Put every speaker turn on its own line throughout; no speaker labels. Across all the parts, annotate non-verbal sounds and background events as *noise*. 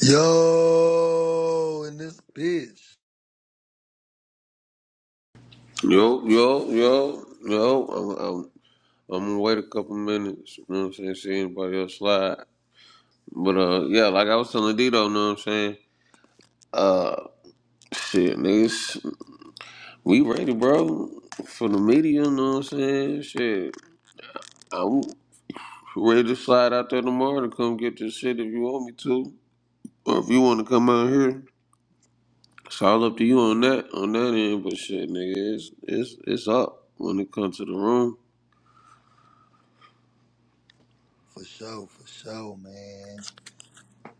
Yo, in this bitch.
Yo, yo, yo, yo. I'm, I'm, I'm gonna wait a couple minutes. You know what I'm saying? See anybody else slide. But uh, yeah, like I was telling Dito, you know what I'm saying? Uh, shit, niggas, we ready, bro, for the media. You know what I'm saying? Shit, I'm ready to slide out there tomorrow to come get this shit if you want me to, or if you want to come out here. It's all up to you on that, on that end. But shit, nigga, it's it's it's up when it comes to the room.
For sure, for sure, man.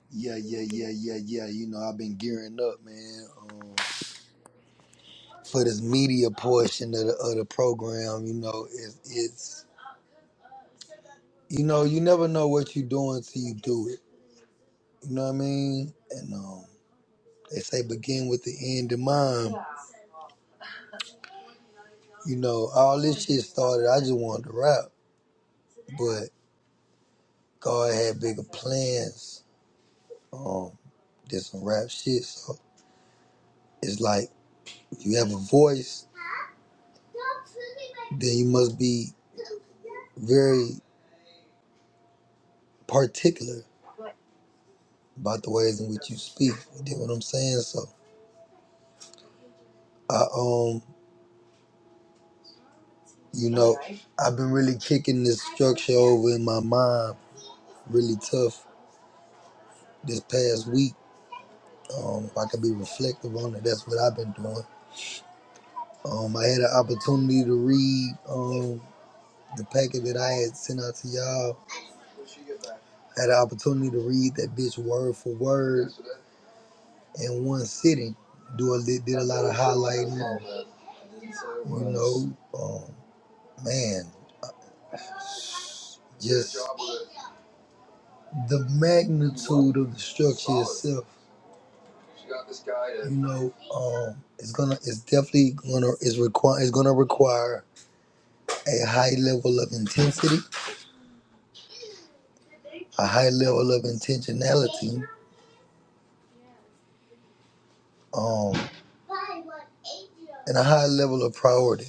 Yeah, yeah, yeah, yeah, yeah. You know, I've been gearing up, man. Um, for this media portion of the, of the program, you know, it's, it's, you know, you never know what you're doing till you do it. You know what I mean? And um, they say begin with the end in mind. You know, all this shit started, I just wanted to rap, but God had bigger plans. Um, did some rap shit, so it's like, you have a voice, then you must be very particular about the ways in which you speak. You get what I'm saying? So I um you know, I've been really kicking this structure over in my mind really tough this past week. Um, if I could be reflective on it, that's what I've been doing. Um, I had an opportunity to read um the packet that I had sent out to y'all. I had an opportunity to read that bitch word for word. in one city, Do a, did a lot of highlighting. You know, um, man, just the magnitude of the structure itself. You know, um, it's gonna, it's definitely gonna, it's require, it's gonna require a high level of intensity, a high level of intentionality, um, and a high level of priority.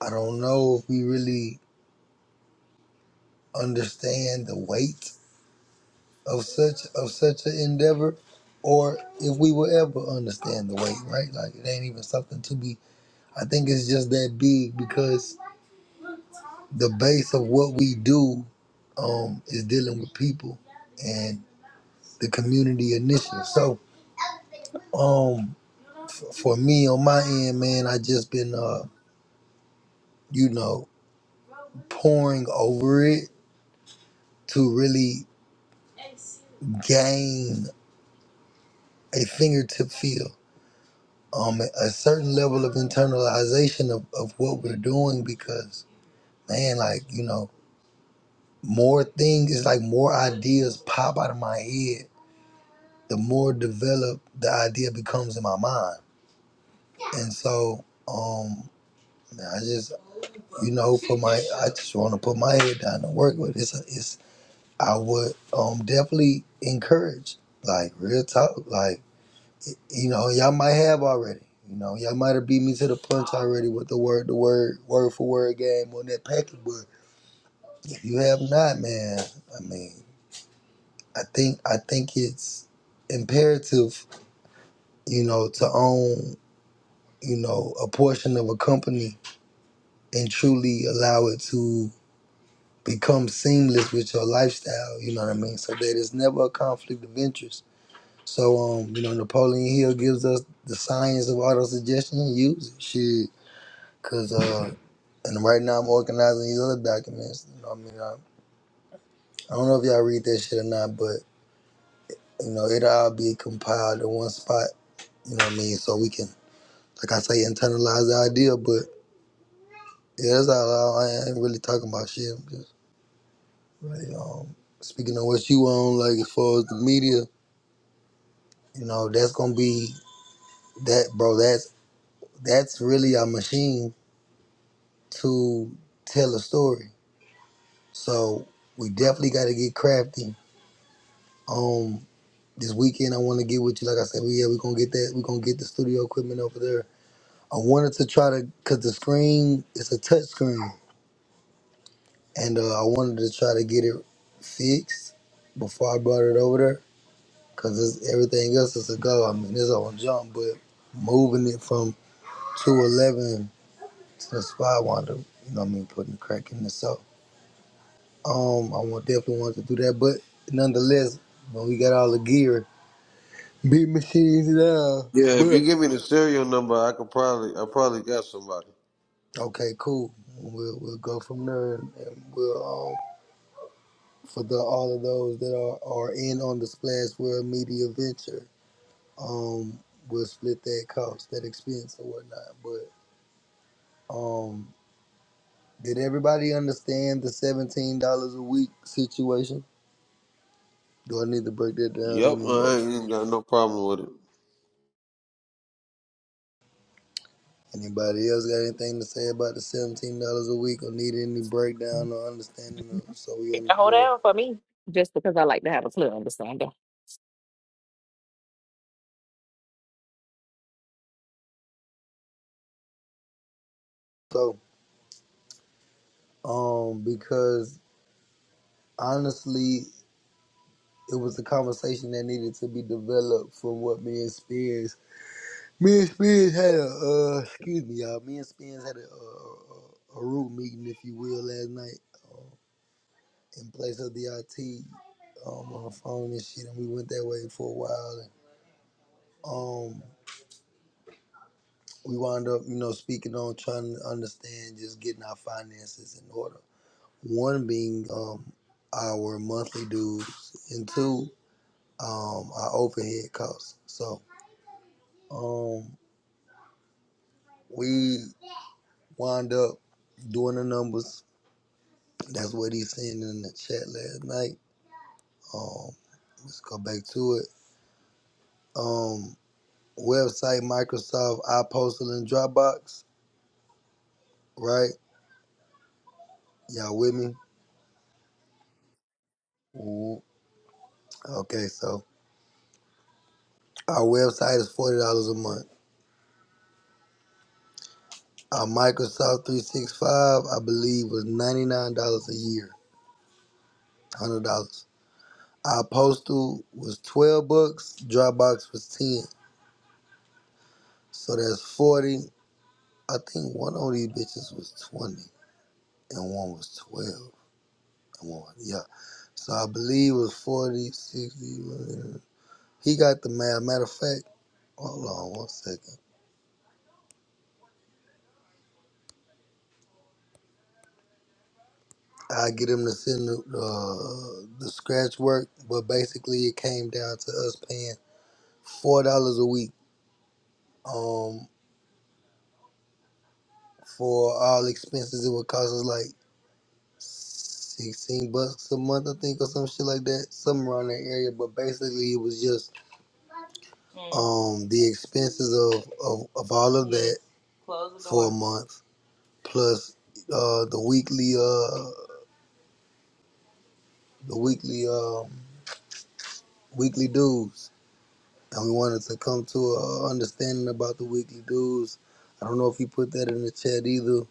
I don't know if we really understand the weight of such of such an endeavor or if we will ever understand the weight right like it ain't even something to be i think it's just that big because the base of what we do um is dealing with people and the community initiative so um f- for me on my end man i just been uh you know pouring over it to really gain a fingertip feel um, a certain level of internalization of, of what we're doing because, man, like, you know, more things, it's like more ideas pop out of my head, the more developed the idea becomes in my mind. And so, um, I just, you know, put my, I just want to put my head down and work with it. It's, a, it's, I would um, definitely encourage, like, real talk, like, you know, y'all might have already. You know, y'all might have beat me to the punch already with the word, the word, word for word game on that package. But if you have not, man, I mean, I think, I think it's imperative, you know, to own, you know, a portion of a company and truly allow it to become seamless with your lifestyle. You know what I mean? So that it's never a conflict of interest. So, um, you know, Napoleon Hill gives us the science of auto suggestion. Use it, shit. Cause uh, And right now I'm organizing these other documents. You know, what I mean, I, I don't know if y'all read that shit or not, but you know, it'll all be compiled in one spot. You know what I mean? So we can, like I say, internalize the idea. But yeah, that's all. I, I ain't really talking about shit. I'm just, really, um, speaking of what you on, like as far as the media, you know, that's gonna be that, bro. That's that's really a machine to tell a story. So we definitely got to get crafty on This weekend, I want to get with you. Like I said, we yeah, we're gonna get that. We're gonna get the studio equipment over there. I wanted to try to, cause the screen is a touch screen, and uh, I wanted to try to get it fixed before I brought it over there, cause it's, everything else is a go. I mean, it's all junk, but moving it from 211 to the spot, I wanted to, you know, what I mean, putting the crack in the so. Um, I want definitely wanted to do that, but nonetheless, when we got all the gear, *laughs* big machines now,
Yeah, if you
but.
give me the serial number, I could probably, I probably got somebody.
Okay, cool. We'll we'll go from there, and, and we'll um, for the all of those that are are in on the Splash World Media Venture, um, we'll split that cost, that expense, or whatnot. But um, did everybody understand the seventeen dollars a week situation? Do I need to break that down?
Yep, I
Anybody?
ain't even got no problem with it.
Anybody else got anything to say about the seventeen dollars a week, or need any breakdown or understanding of? So we, un- you
Hold down for me, just because I like to have a clear understanding.
know, so um, because honestly. it was a conversation that needed to be developed from what me and Spears. Me and Spears had a uh, excuse me, y'all. Me and Spears had a, uh, a a root meeting, if you will, last night in place of the IT um, on the phone and shit, and we went that way for a while. And, um, we wound up, you know, speaking on trying to understand just getting our finances in order. One being um, our monthly dues, and two, um, our overhead costs. So um, we Wind up doing the numbers. That's what he sent in the chat last night. Um, let's go back to it. Um, website Microsoft iPostal and Dropbox, right? Y'all with me? Mhm. Okay, so our website is forty dollars a month. Our Microsoft 365, I believe, was $99 a year, $100. Our postal was 12 bucks, Dropbox was 10. So that's 40. I think one of these bitches was 20. and one was 12. And one was, yeah. So I believe it was 40, 60. uh, He got the math. Matter of fact, hold on one second. I get him to send the, uh, the scratch work, but basically it came down to us paying $4 a week um, for all expenses. It would cost us like 16 bucks a month, I think, or some shit like that, somewhere around that area. But basically it was just um the expenses of of, of all of that for a month plus uh the weekly uh the weekly um weekly dues and we wanted to come to a understanding about the weekly dues i don't know if he put that in the chat either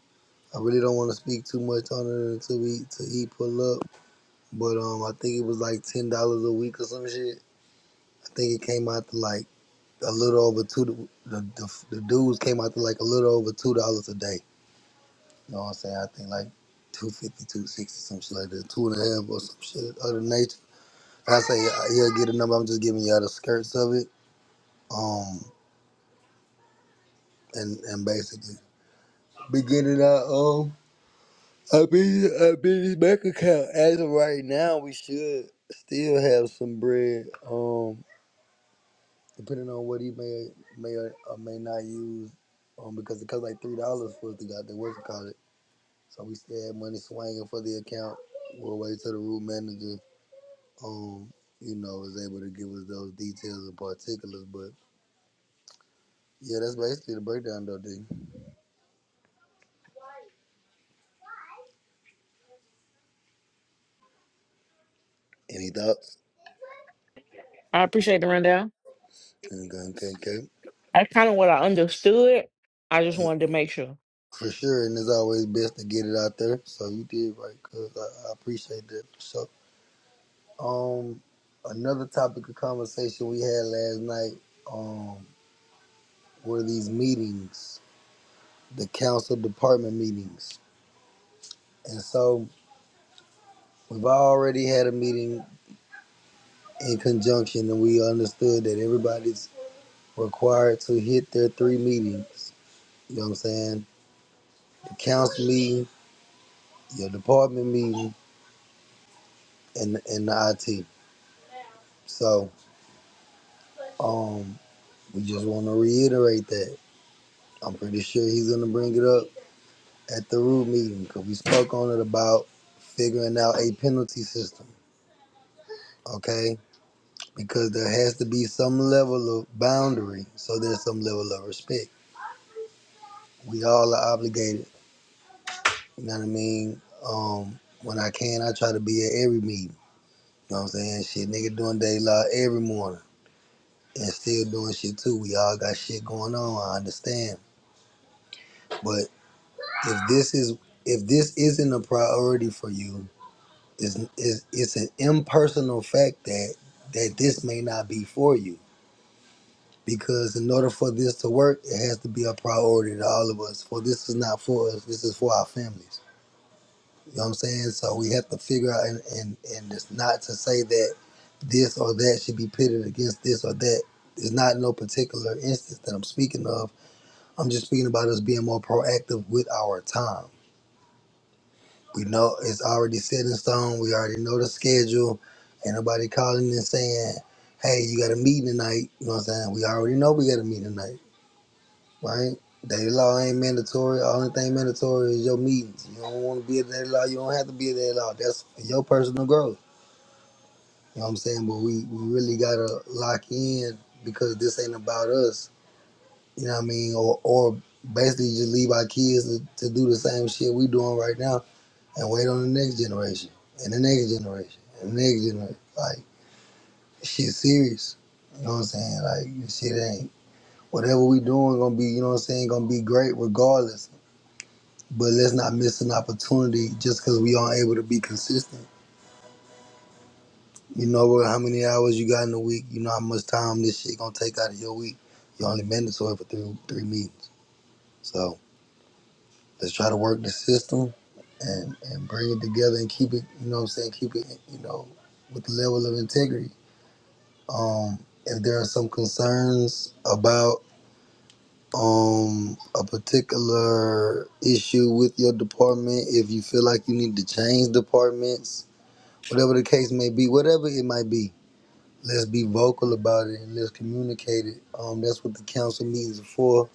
i really don't want to speak too much on it until we till he pull up but um i think it was like ten dollars a week or some shit i think it came out to like a little over two the the, the dues came out to like a little over two dollars a day You know what I'm saying? I think like two fifty, two sixty, some shit like that, two and a half or some shit of the nature. I say uh, he'll get a number, I'm just giving y'all the skirts of it. Um, and and basically beginning out um, I be I be his bank account as of right now. We should still have some bread. Um, depending on what he may may or, or may not use. Um, because it costs like three dollars for us to got the work call it. So we still have money swinging for the account. We'll wait till the root manager um, you know, is able to give us those details and particulars. But yeah, that's basically the breakdown, though. D. Any thoughts?
I appreciate the rundown.
Anything, okay,
That's kind of what I understood. I just
okay.
wanted to make sure.
For sure, and it's always best to get it out there. So you did right, cause I, I appreciate that. So, um, another topic of conversation we had last night, um, were these meetings, the council department meetings, and so we've already had a meeting in conjunction, and we understood that everybody's required to hit their three meetings. You know what I'm saying? The council meeting, your department meeting, and and the IT. So um, we just want to reiterate that. I'm pretty sure he's gonna bring it up at the root meeting because we spoke on it about figuring out a penalty system. Okay, because there has to be some level of boundary, so there's some level of respect. We all are obligated. You know what I mean? Um, when I can, I try to be at every meeting. You know what I'm saying? Shit, nigga doing day law every morning and still doing shit too. We all got shit going on. I understand, but if this is if this isn't a priority for you, it's it's, it's an impersonal fact that that this may not be for you. Because in order for this to work, it has to be a priority to all of us. For this is not for us. This is for our families. You know what I'm saying? So we have to figure out, and, and, and it's not to say that this or that should be pitted against this or that. It's not no particular instance that I'm speaking of. I'm just speaking about us being more proactive with our time. We know it's already set in stone. We already know the schedule. Ain't nobody calling and saying, hey, you got a meeting tonight. You know what I'm saying? We already know we got a meeting tonight, right? Daily law ain't mandatory. Only thing mandatory is your meetings. You don't want to be a daily law. You don't have to be a daily law. That's for your personal growth. You know what I'm saying? But we, we really gotta lock in because this ain't about us. You know what I mean? Or or basically just leave our kids to, to do the same shit we doing right now and wait on the next generation and the next generation and the next generation. Like shit serious. You know what I'm saying? Like shit ain't whatever we doing gonna be, you know what I'm saying, gonna be great regardless. But let's not miss an opportunity just cause we aren't able to be consistent You know how many hours you got in a week. You know how much time this shit gonna take out of your week. You only mandatory for three three meetings. So let's try to work the system and and bring it together and keep it. You know what I'm saying? Keep it. You know, with the level of integrity. Um, if there are some concerns about um a particular issue with your department, if you feel like you need to change departments, whatever the case may be, whatever it might be Let's be vocal about it and let's communicate it. Um, that's what the council meetings are for.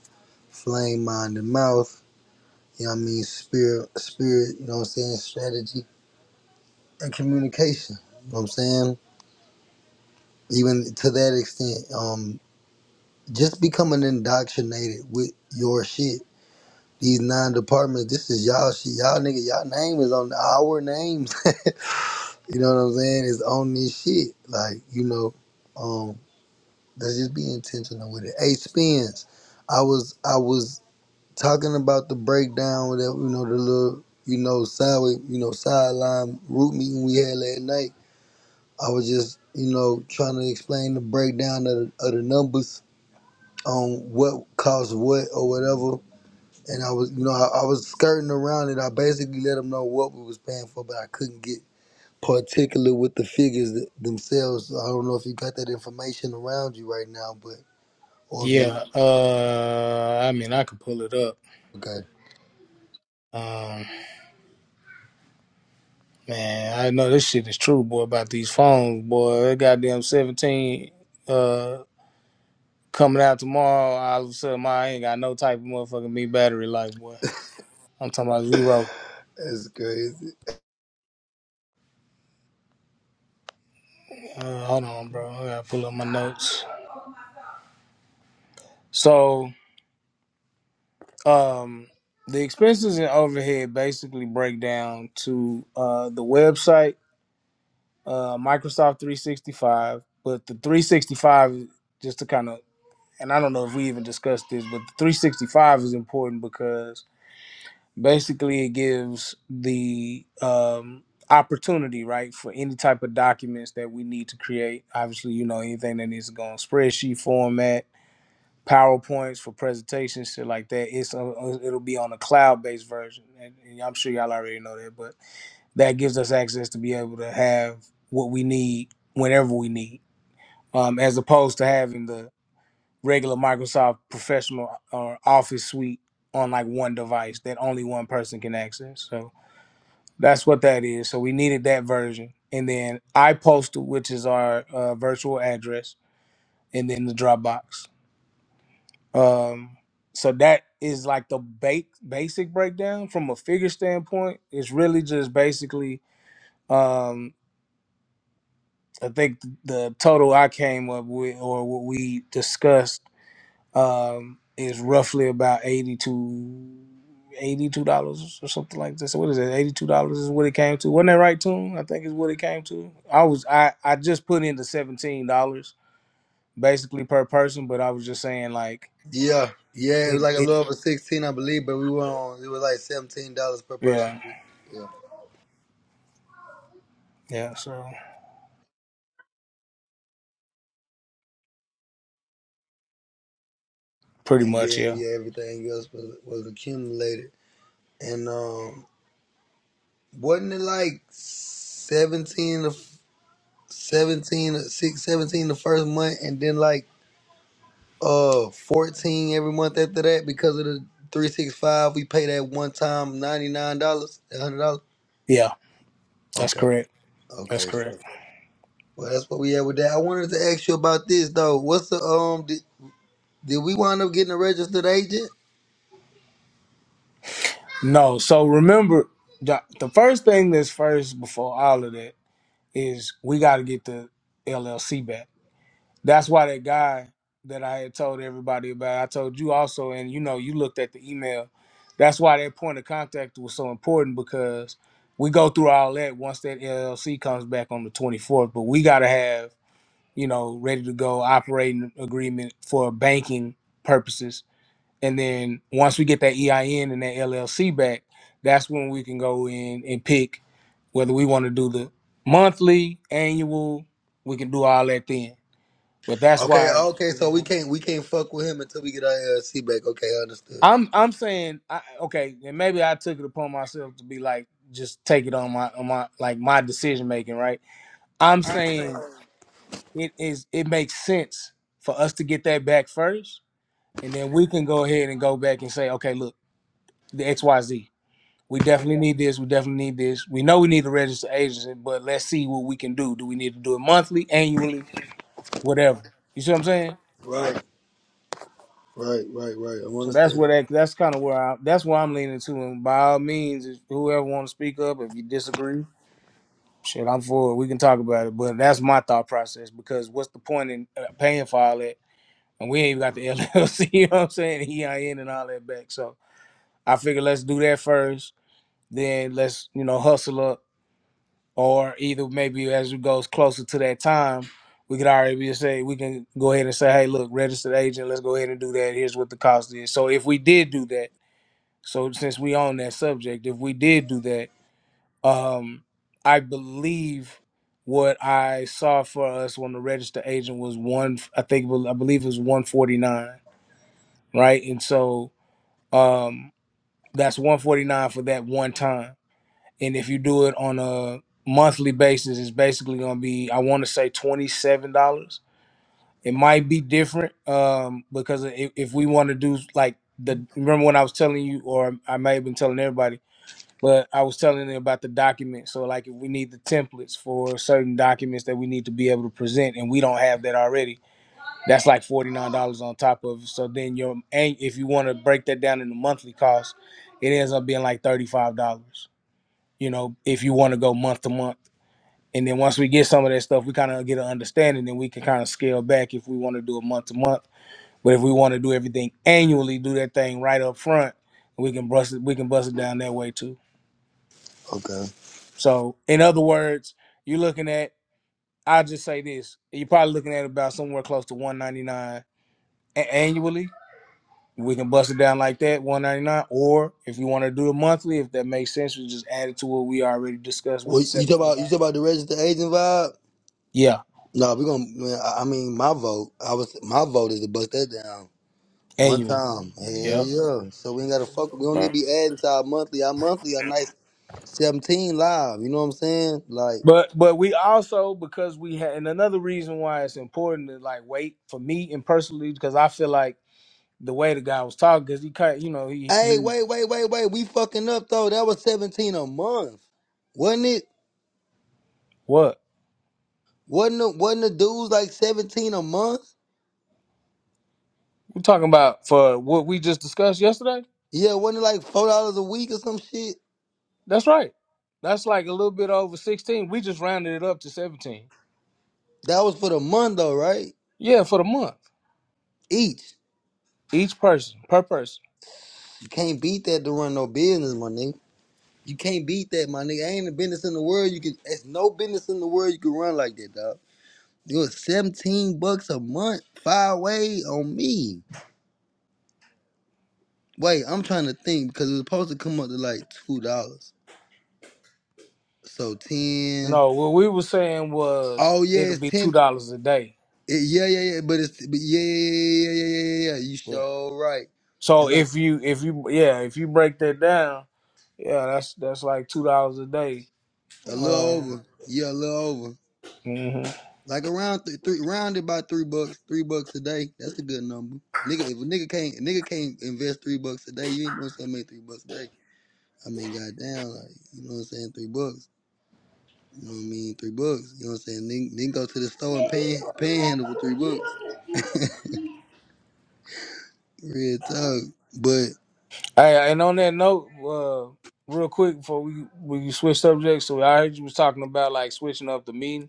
Flame, mind, and mouth. You know what I mean? Spirit, spirit. You know what I'm saying? Strategy and communication. You know what I'm saying? Even to that extent, um, just becoming indoctrinated with your shit. These nine departments, this is y'all shit. Y'all nigga, y'all name is on our names. *laughs* you know what I'm saying? It's on this shit. Like, you know, um, Let's just be intentional with it. Hey, spins. I was I was talking about the breakdown with that you know the little you know sideway you know sideline root meeting we had last night. I was just you know trying to explain the breakdown of, the, of the numbers on what caused what or whatever. And I was you know I, I was skirting around it. I basically let them know what we was paying for, but I couldn't get particular with the figures th- themselves. So I don't know if you got that information around you right now, but or if
Yeah,
you
uh, I mean, I could pull it up.
okay.
Um, man, I know this shit is true, boy, about these phones, boy. That goddamn 17, uh, coming out tomorrow, all of a sudden, my, I ain't got no type of motherfucking me battery life, boy. I'm talking about zero.
That's crazy.
Uh, hold on, bro. I gotta pull up my notes. So, um, the expenses and overhead basically break down to, uh, the website, uh, Microsoft 365, but the 365 just to kind of and I don't know if we even discussed this, but the 365 is important because basically it gives the um, opportunity, right, for any type of documents that we need to create. Obviously, you know, anything that needs to go on spreadsheet format, PowerPoints for presentations, shit like that. It's uh uh, it'll be on a cloud based version, and, and I'm sure y'all already know that, but that gives us access to be able to have what we need whenever we need, um, as opposed to having the regular Microsoft professional or Office suite on like one device that only one person can access. So that's what that is. So we needed that version, and then iPostal, which is our uh, virtual address, and then the Dropbox. Um, so that is like the ba- basic breakdown from a figure standpoint. It's really just basically. Um, I think the total I came up with, or what we discussed um, is roughly about eighty to eighty two dollars or something like this. What is it? Eighty two dollars is what it came to. Wasn't that right, Tune? I think is what it came to. I was I I just put in the seventeen dollars basically per person, but I was just saying like
Yeah, yeah, it
it,
was like a
it
little over sixteen, I believe, but we went on. It was like seventeen dollars per person.
yeah
Yeah,
yeah so pretty
and
much
then
yeah
yeah, everything else was was accumulated. And um, wasn't it like seventeen the seventeen six seventeen the first month, and then like uh fourteen every month after that because of the three six five. We paid that one time ninety nine dollars, hundred dollars.
yeah that's
Okay,
correct that's
okay, so
correct.
Well, that's what we had with that. I wanted to ask you about this though. What's the um? Did, did we wind up getting a registered agent?
No, so remember the the first thing that's first before all of that is we got to get the LLC back That's why that guy that I had told everybody about, I told you also, and you know, you looked at the email. That's why that point of contact was so important because we go through all that once that LLC comes back on the 24th, but we got to have, you know, ready to go operating agreement for banking purposes. And then once we get that EIN and that LLC back, that's when we can go in and pick whether we want to do the monthly, annual, we can do all that then but that's
Okay,
why
okay. So we can't we can't fuck with him until we get our LLC back. Okay, understood.
I'm I'm saying I, okay, and maybe I took it upon myself to be like just take it on my on my like my decision making, right? I'm saying it is it makes sense for us to get that back first, and then we can go ahead and go back and say, okay, look, the X Y Z. We definitely need this. We definitely need this. We know we need to register agents, but let's see what we can do. Do we need to do it monthly, annually, whatever? You see what I'm saying?
Right, right, right, right. I'm
So that's where
understanding.
that that's kind of where I that's where I'm leaning to. And by all means, if whoever want to speak up, if you disagree, shit, I'm for it. We can talk about it. But that's my thought process because what's the point in uh, paying for all that? And we ain't even got the *laughs* LLC. You know what I'm saying? The EIN and all that back. So I figure let's do that first. Then let's you know hustle up, or either maybe as it goes closer to that time. We could already be say we can go ahead and say, hey, look, registered agent, let's go ahead and do that. Here's what the cost is. So if we did do that, So since we on that subject, if we did do that, um, I believe what I saw for us on the register agent was one. I think I believe it was one forty nine, right? And so um, that's one forty nine for that one time. And if you do it on a monthly basis, it's basically going to be I want to say twenty seven dollars. It might be different um, because if, if we want to do like the remember when I was telling you, or I may have been telling everybody But I was telling them about the document. So like if we need the templates for certain documents that we need to be able to present and we don't have that already, that's like forty nine dollars on top of it. So then your and if you want to break that down into monthly costs, it ends up being like thirty five dollars. You know, if you want to go month to month. And then once we get some of that stuff, we kind of get an understanding and we can kind of scale back if we want to do it month to month. But if we want to do everything annually, do that thing right up front, we can bust it we can bust it down that way too.
Okay.
So, in other words, you're looking at, I'll just say this, you're probably looking at about somewhere close to 199 a- annually. We can bust it down like that, 199. Or if you want to do it monthly, if that makes sense, we just add it to what we already discussed with
Well,
the
you talk
17.
about you talk about the registered agent vibe.
Yeah,
No, we gonna. Man, I, I mean, my vote. I was my vote is to bust that down one
annually.
time. Hell
Yeah.
yeah. So we ain't gotta fuck. We don't need
Right.
to be adding to our monthly. Our monthly a nice seventeen live. You know what I'm saying? Like.
But but we also because we had and another reason why it's important to like wait for me and personally because I feel like the way the guy was talking because he cut you know he
Hey,
he
wait, wait, wait, wait. We fucking up though. That was seventeen a month, wasn't it?
what
Wasn't the, wasn't the dudes like seventeen a month?
we talking about for what we just discussed yesterday
Yeah, wasn't it like four dollars a week or some shit?
That's right. That's like a little bit over 16. We just rounded it up to 17.
That was for the month though, right?
Yeah, for the month.
Each.
Each person, per person.
You can't beat that to run no business, my nigga. You can't beat that, my nigga. Ain't a business in the world you can. It's no business in the world you can run like that, dog. It was seventeen bucks a month, five way on me. Wait, I'm trying to think because it was supposed to come up to like two dollars. So ten.
No, what we were saying was
Oh
it'll
yeah, it's
be two
ten.
dollars a day.
it- yeah, yeah, yeah. But it's but yeah, yeah, yeah, yeah, yeah, yeah. yeah, yeah. You
Yeah.
so right.
So
It's like
if you if you yeah, if you break that down, yeah, that's that's like two dollars a day.
a little
Um
over. Yeah, a little over.
mhm.
Like around th- three, rounded by three bucks, three bucks a day. That's a good number. Nigga, if a nigga can't, a nigga can't invest three bucks a day. You ain't gonna sell me three bucks a day. I mean, goddamn, like you know what I'm saying, three bucks. You know what I mean, three bucks. You know what I'm saying. Then, then go to the store and pan, panhandle for three bucks. Real talk, but.
Hey, and on that note, uh real quick before we we switch subjects, so I heard you was talking about like switching up the meeting.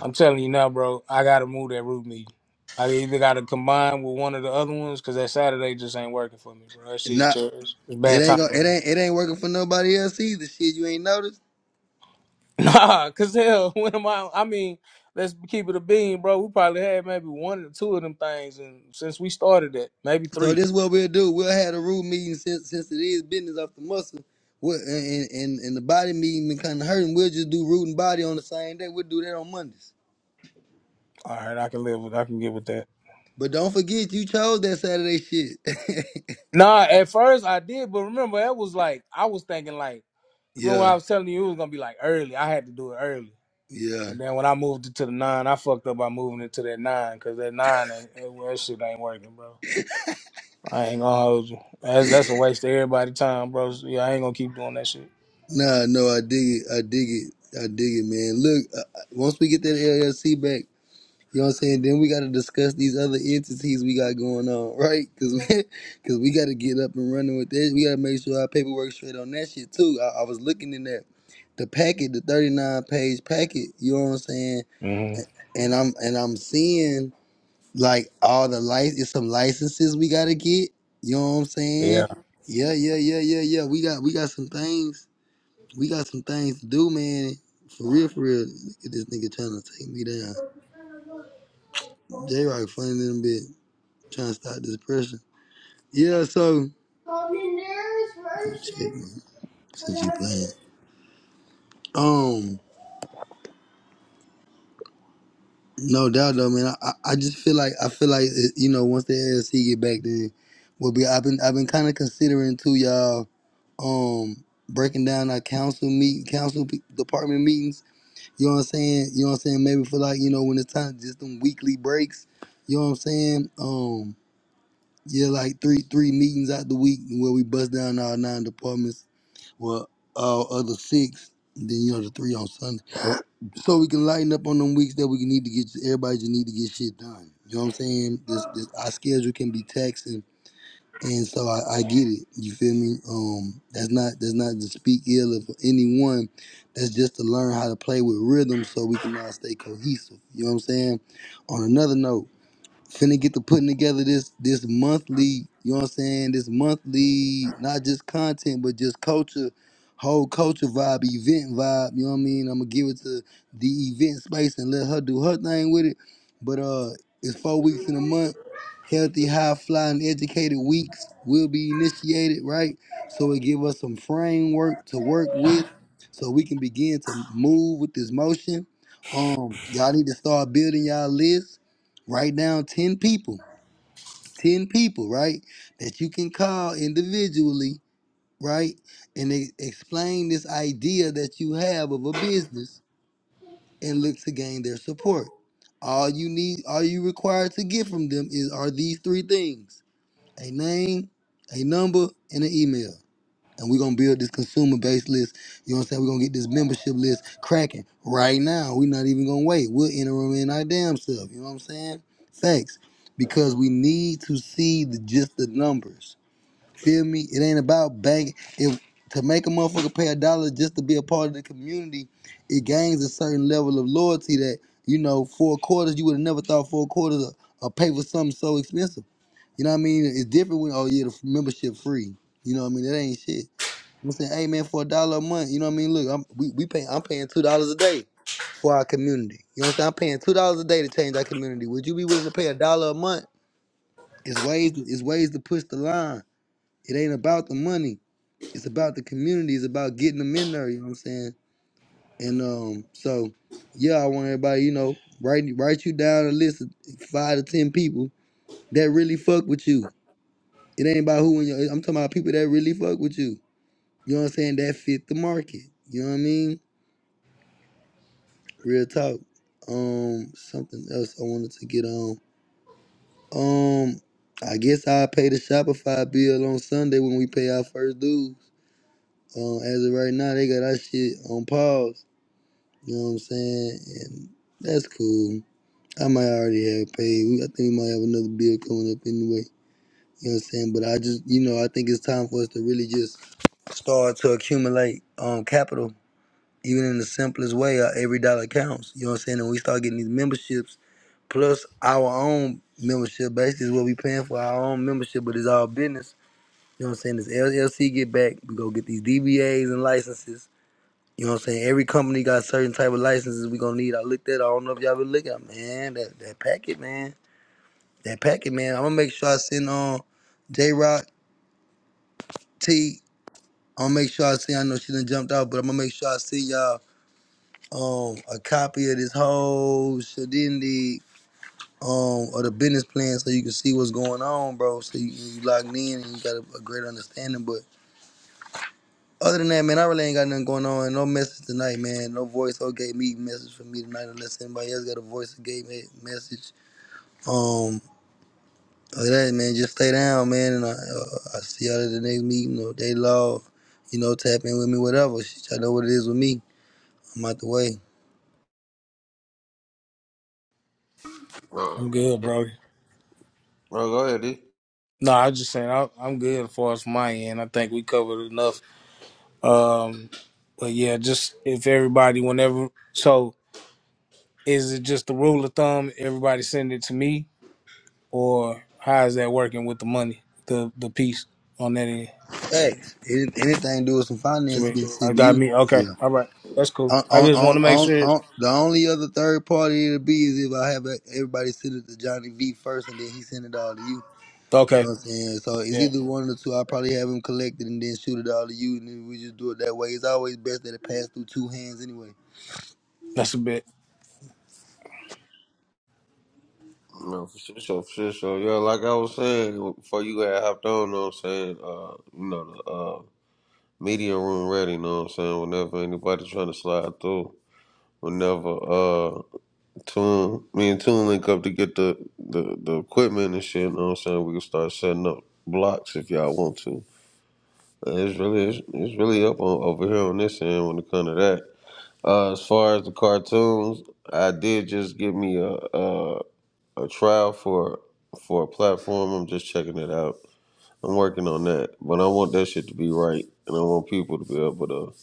I'm telling you now, bro. I gotta move that root meeting. I either gotta combine with one of the other ones because that Saturday just ain't working for me, bro. That shit's
not.
just it's it's
It
bad
ain't
timing.
go.
*laughs*
It ain't. It ain't working for nobody else either. Shit, you ain't noticed.
Nah, cause hell, *laughs* when am I? I mean, let's keep it a bean, bro. We probably had maybe one or two of them things, and since we started that, maybe
So
three.
this what we'll do. We'll have a room meeting since since it is business off the muscle. We'll, and, and and the body meeting been kind of hurting. We'll just do root and body on the same day. We'll do that on Mondays.
All right, I can live with. I can get with that.
But don't forget, you chose that Saturday shit. *laughs*
Nah, at first I did, but remember that was like I was thinking like remember when
yeah,
I was telling you it was gonna be like early. I had to do it early.
yeah.
And then when I moved it to the nine, I fucked up by moving it to that nine because that nine, ain't, that well, that shit ain't working, bro. I ain't gonna hold you. That's that's a waste of everybody's time, bro. So, yeah, I ain't gonna keep doing that shit.
Nah, no, I dig it. I dig it. I dig it, man. Look, uh, uh, once we get that LLC back, You know what I'm saying? Then we got to discuss these other entities we got going on, *laughs* right? Because we, *laughs* cause we got to get up and running with that. We got to make sure our paperwork straight on that shit, too. I, I was looking in that, The packet, the 39 page packet, you know what I'm saying?
hmm
A- And I'm and I'm seeing like all the license, it's some licenses we gotta get. You know what I'm
Yeah,
saying? Yeah, yeah, yeah, yeah, yeah. We got we got some things. We got some things to do, man. For real, for real. Look at this nigga trying to take me down. J Rock funny than a bit trying to stop this pressure. Yeah, so check man. since you playing. Um, no doubt though, man. I, I just feel like I feel like you know once the LLC get back, then will be. I've been I've been kind of considering too, y'all. Um, breaking down our council meet council pe- department meetings. You know what I'm saying? You know what I'm saying? Maybe for like you know when it's time, just them weekly breaks. You know what I'm saying? Um. Yeah, like three three meetings out the week where we bust down our nine departments Well, all other six, and then you know the three on Sunday. So we can lighten up on them weeks that we need to get everybody just need to get shit done. You know what I'm saying? This this our schedule can be taxing and so I, I get it. You feel me? Um that's not that's not to speak ill of anyone. That's just to learn how to play with rhythm so we can all stay cohesive. You know what I'm saying? On another note, finna get to putting together this this monthly, you know what I'm saying? This monthly, not just content, but just culture, whole culture vibe, event vibe, you know what I mean? I'm gonna give it to the event space and let her do her thing with it. But uh it's four weeks in a month. Healthy, high flying, educated weeks will be initiated, right? So it give us some framework to work with so we can begin to move with this motion. Um, y'all need to start building y'all list Write down 10 people, 10 people, right? That you can call individually, right? And they explain this idea that you have of a business and look to gain their support. All you need, all you require to get from them is are these three things a name, a number, and an email. And we're gonna build this consumer base list. You know what I'm saying? We're gonna get this membership list cracking right now. We're not even gonna wait. We'll enter them in our damn self. You know what I'm saying? Thanks. Because we need to see the just the numbers. Feel me? It ain't about bank. If to make a motherfucker pay a dollar just to be a part of the community, it gains a certain level of loyalty that, you know, four quarters, you would have never thought four quarters or, or pay for something so expensive. You know what I mean? It's different when oh yeah, the membership free. You know what I mean? That ain't shit. I'm saying, hey man, for a dollar a month, you know what I mean? Look, I'm we, we pay I'm paying two dollars a day for our community. You know what I'm saying? I'm paying two dollars a day to change our community. Would you be willing to pay a dollar a month? It's ways to, it's ways to push the line. It ain't about the money. It's about the community. It's about getting them in there, you know what I'm saying? And um, so yeah, I want everybody, you know, write write you down a list of five to ten people that really fuck with you. It ain't about who in your I'm talking about people that really fuck with you. You know what I'm saying? That fit the market. You know what I mean? Real talk. Um, something else I wanted to get on. Um, I guess I'll pay the Shopify bill on Sunday when we pay our first dues. Um, as of right now, they got our shit on pause. You know what I'm saying? And that's cool. I might already have paid. We- I think we might have another bill coming up anyway. You know what I'm saying? But I just, you know, I think it's time for us to really just start to accumulate um capital, even in the simplest way. Our every dollar counts. You know what I'm saying? And we start getting these memberships plus our own membership base is what we paying for our own membership, but it's all business. You know what I'm saying? This LLC get back, we go get these DBAs and licenses. You know what I'm saying? Every company got certain type of licenses we gonna need. I looked at. it. I don't know if y'all been looking, at man. That that packet, man. That packet, man. I'm gonna make sure I send on J Rock T. I'm gonna make sure I send. I know she done jumped out, but I'm gonna make sure I send y'all um a copy of this whole shedindi um or the business plan so you can see what's going on, bro. So you, you locked in and you got a, a great understanding. But other than that, man, I really ain't got nothing going on. And No message tonight, man. No voice or gate me message for me tonight unless anybody else got a voice or gate me message. Um, other than that, man, just stay down, man. And I, uh, I see y'all at the next meeting or day law. You know, tap in with me, whatever. Shit, y'all know what it is with me. I'm out the way.
Uh,
I'm good, bro.
well, go ahead, D.
No, I was just saying I, I'm good as far as my end. I think we covered enough. Um, but yeah, just if everybody, whenever, so is it just the rule of thumb? Everybody send it to me, or how is that working with the money, the the piece on that end?
Hey, any- anything to do with some
to
finance
me.
gets
I
sent to
got
you.
me.
Yeah.
Okay. All right. That's cool.
On,
I
on,
just want
on,
to make
on,
sure. it's-
on, the only other third party it'll be is if I have e- everybody send it to Johnny V first and then he send it all to you. You
Okay.
know what I'm saying? So it's
Yeah.
either one of the two. I probably have him collected and then shoot it all to you, and then we just do it that way. It's always best that it pass through two hands anyway.
That's a bit.
No, for sure, sure, for sure, sure. Yeah, like I was saying before you got hopped on, know what I'm saying? Uh, you know, the uh, media room ready, know what I'm saying? Whenever anybody trying to slide through, whenever uh, Tune, me and Tune link up to get the, the, the equipment and shit, know what I'm saying? We can start setting up blocks if y'all want to. It's really it's, it's really up on, over here on this end when it comes to that. Uh, as far as the cartoons, I did just give me a, a a trial for for a platform. I'm just checking it out. I'm working on that, but I want that shit to be right, and I want people to be able to.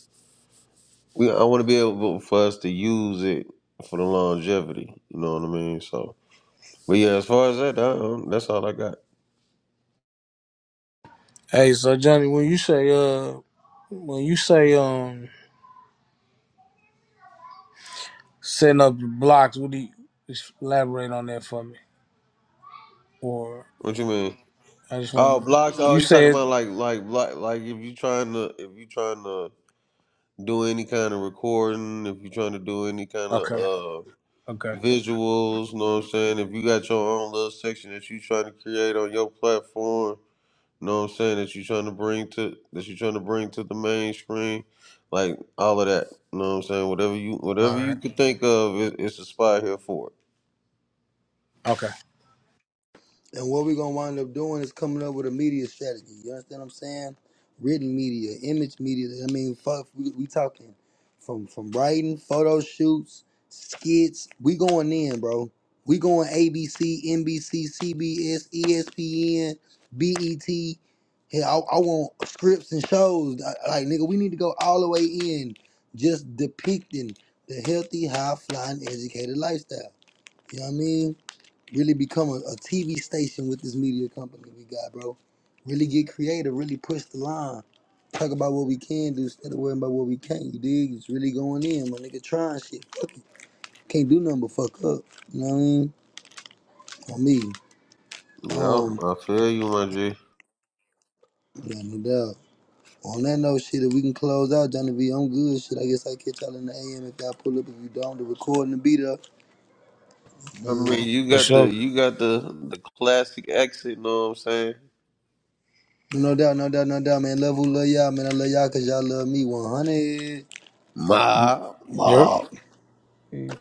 We I want to be able for us to use it for the longevity. You know what I mean? So, but yeah, as far as that, I don't- that's all I got.
Hey, so Johnny, when you say uh, when you say um, setting up the blocks, what do you just elaborate on that for me? Or
What you mean?
I just
Oh,
want to.
blocks. Oh,
you
you talking
said
about like like block like if you trying to if you trying to do any kind of recording, if you're trying to do any kind of
okay,
uh
okay,
visuals, know what I'm saying? If you got your own little section that you trying to create on your platform, know what I'm saying, that you trying to bring to that you trying to bring to the main screen, like all of that. know what I'm saying? Whatever you whatever
all right,
you could think of, it, it's a spot here for it.
okay,
And what we're gonna wind up doing is coming up with a media strategy. You understand what I'm saying? Written media, image media. I mean, fuck, we, we talking from from writing, photo shoots, skits. We going in, bro. We going ABC, NBC, CBS, ESPN, BET. Hey, I, I want scripts and shows. I- Like, nigga, we need to go all the way in, just depicting the healthy, high flying, educated lifestyle. You know what I mean? really become a, TV station with this media company we got, bro. Really get creative, really push the line. Talk about what we can do instead of worrying about what we can't. You dig? It's really going in, my nigga. Trying shit. Fuck it. Can't do nothing but fuck up. You know what I mean? On me.
Yeah,
Um,
I feel you, my G.
yeah, no doubt. On that note, shit, if we can close out, Johnny V, I'm good. Shit, I guess I catch y'all in the AM if y'all pull up. If you don't, the recording will be up.
I
Um,
mean, you
for
got
sure.
the you got the the classic accent, know what I'm saying?
no doubt, no doubt, no doubt, man. Love who love y'all, man. I love y'all because y'all love me 100.
Ma,
Yep.
Mob.
Peace.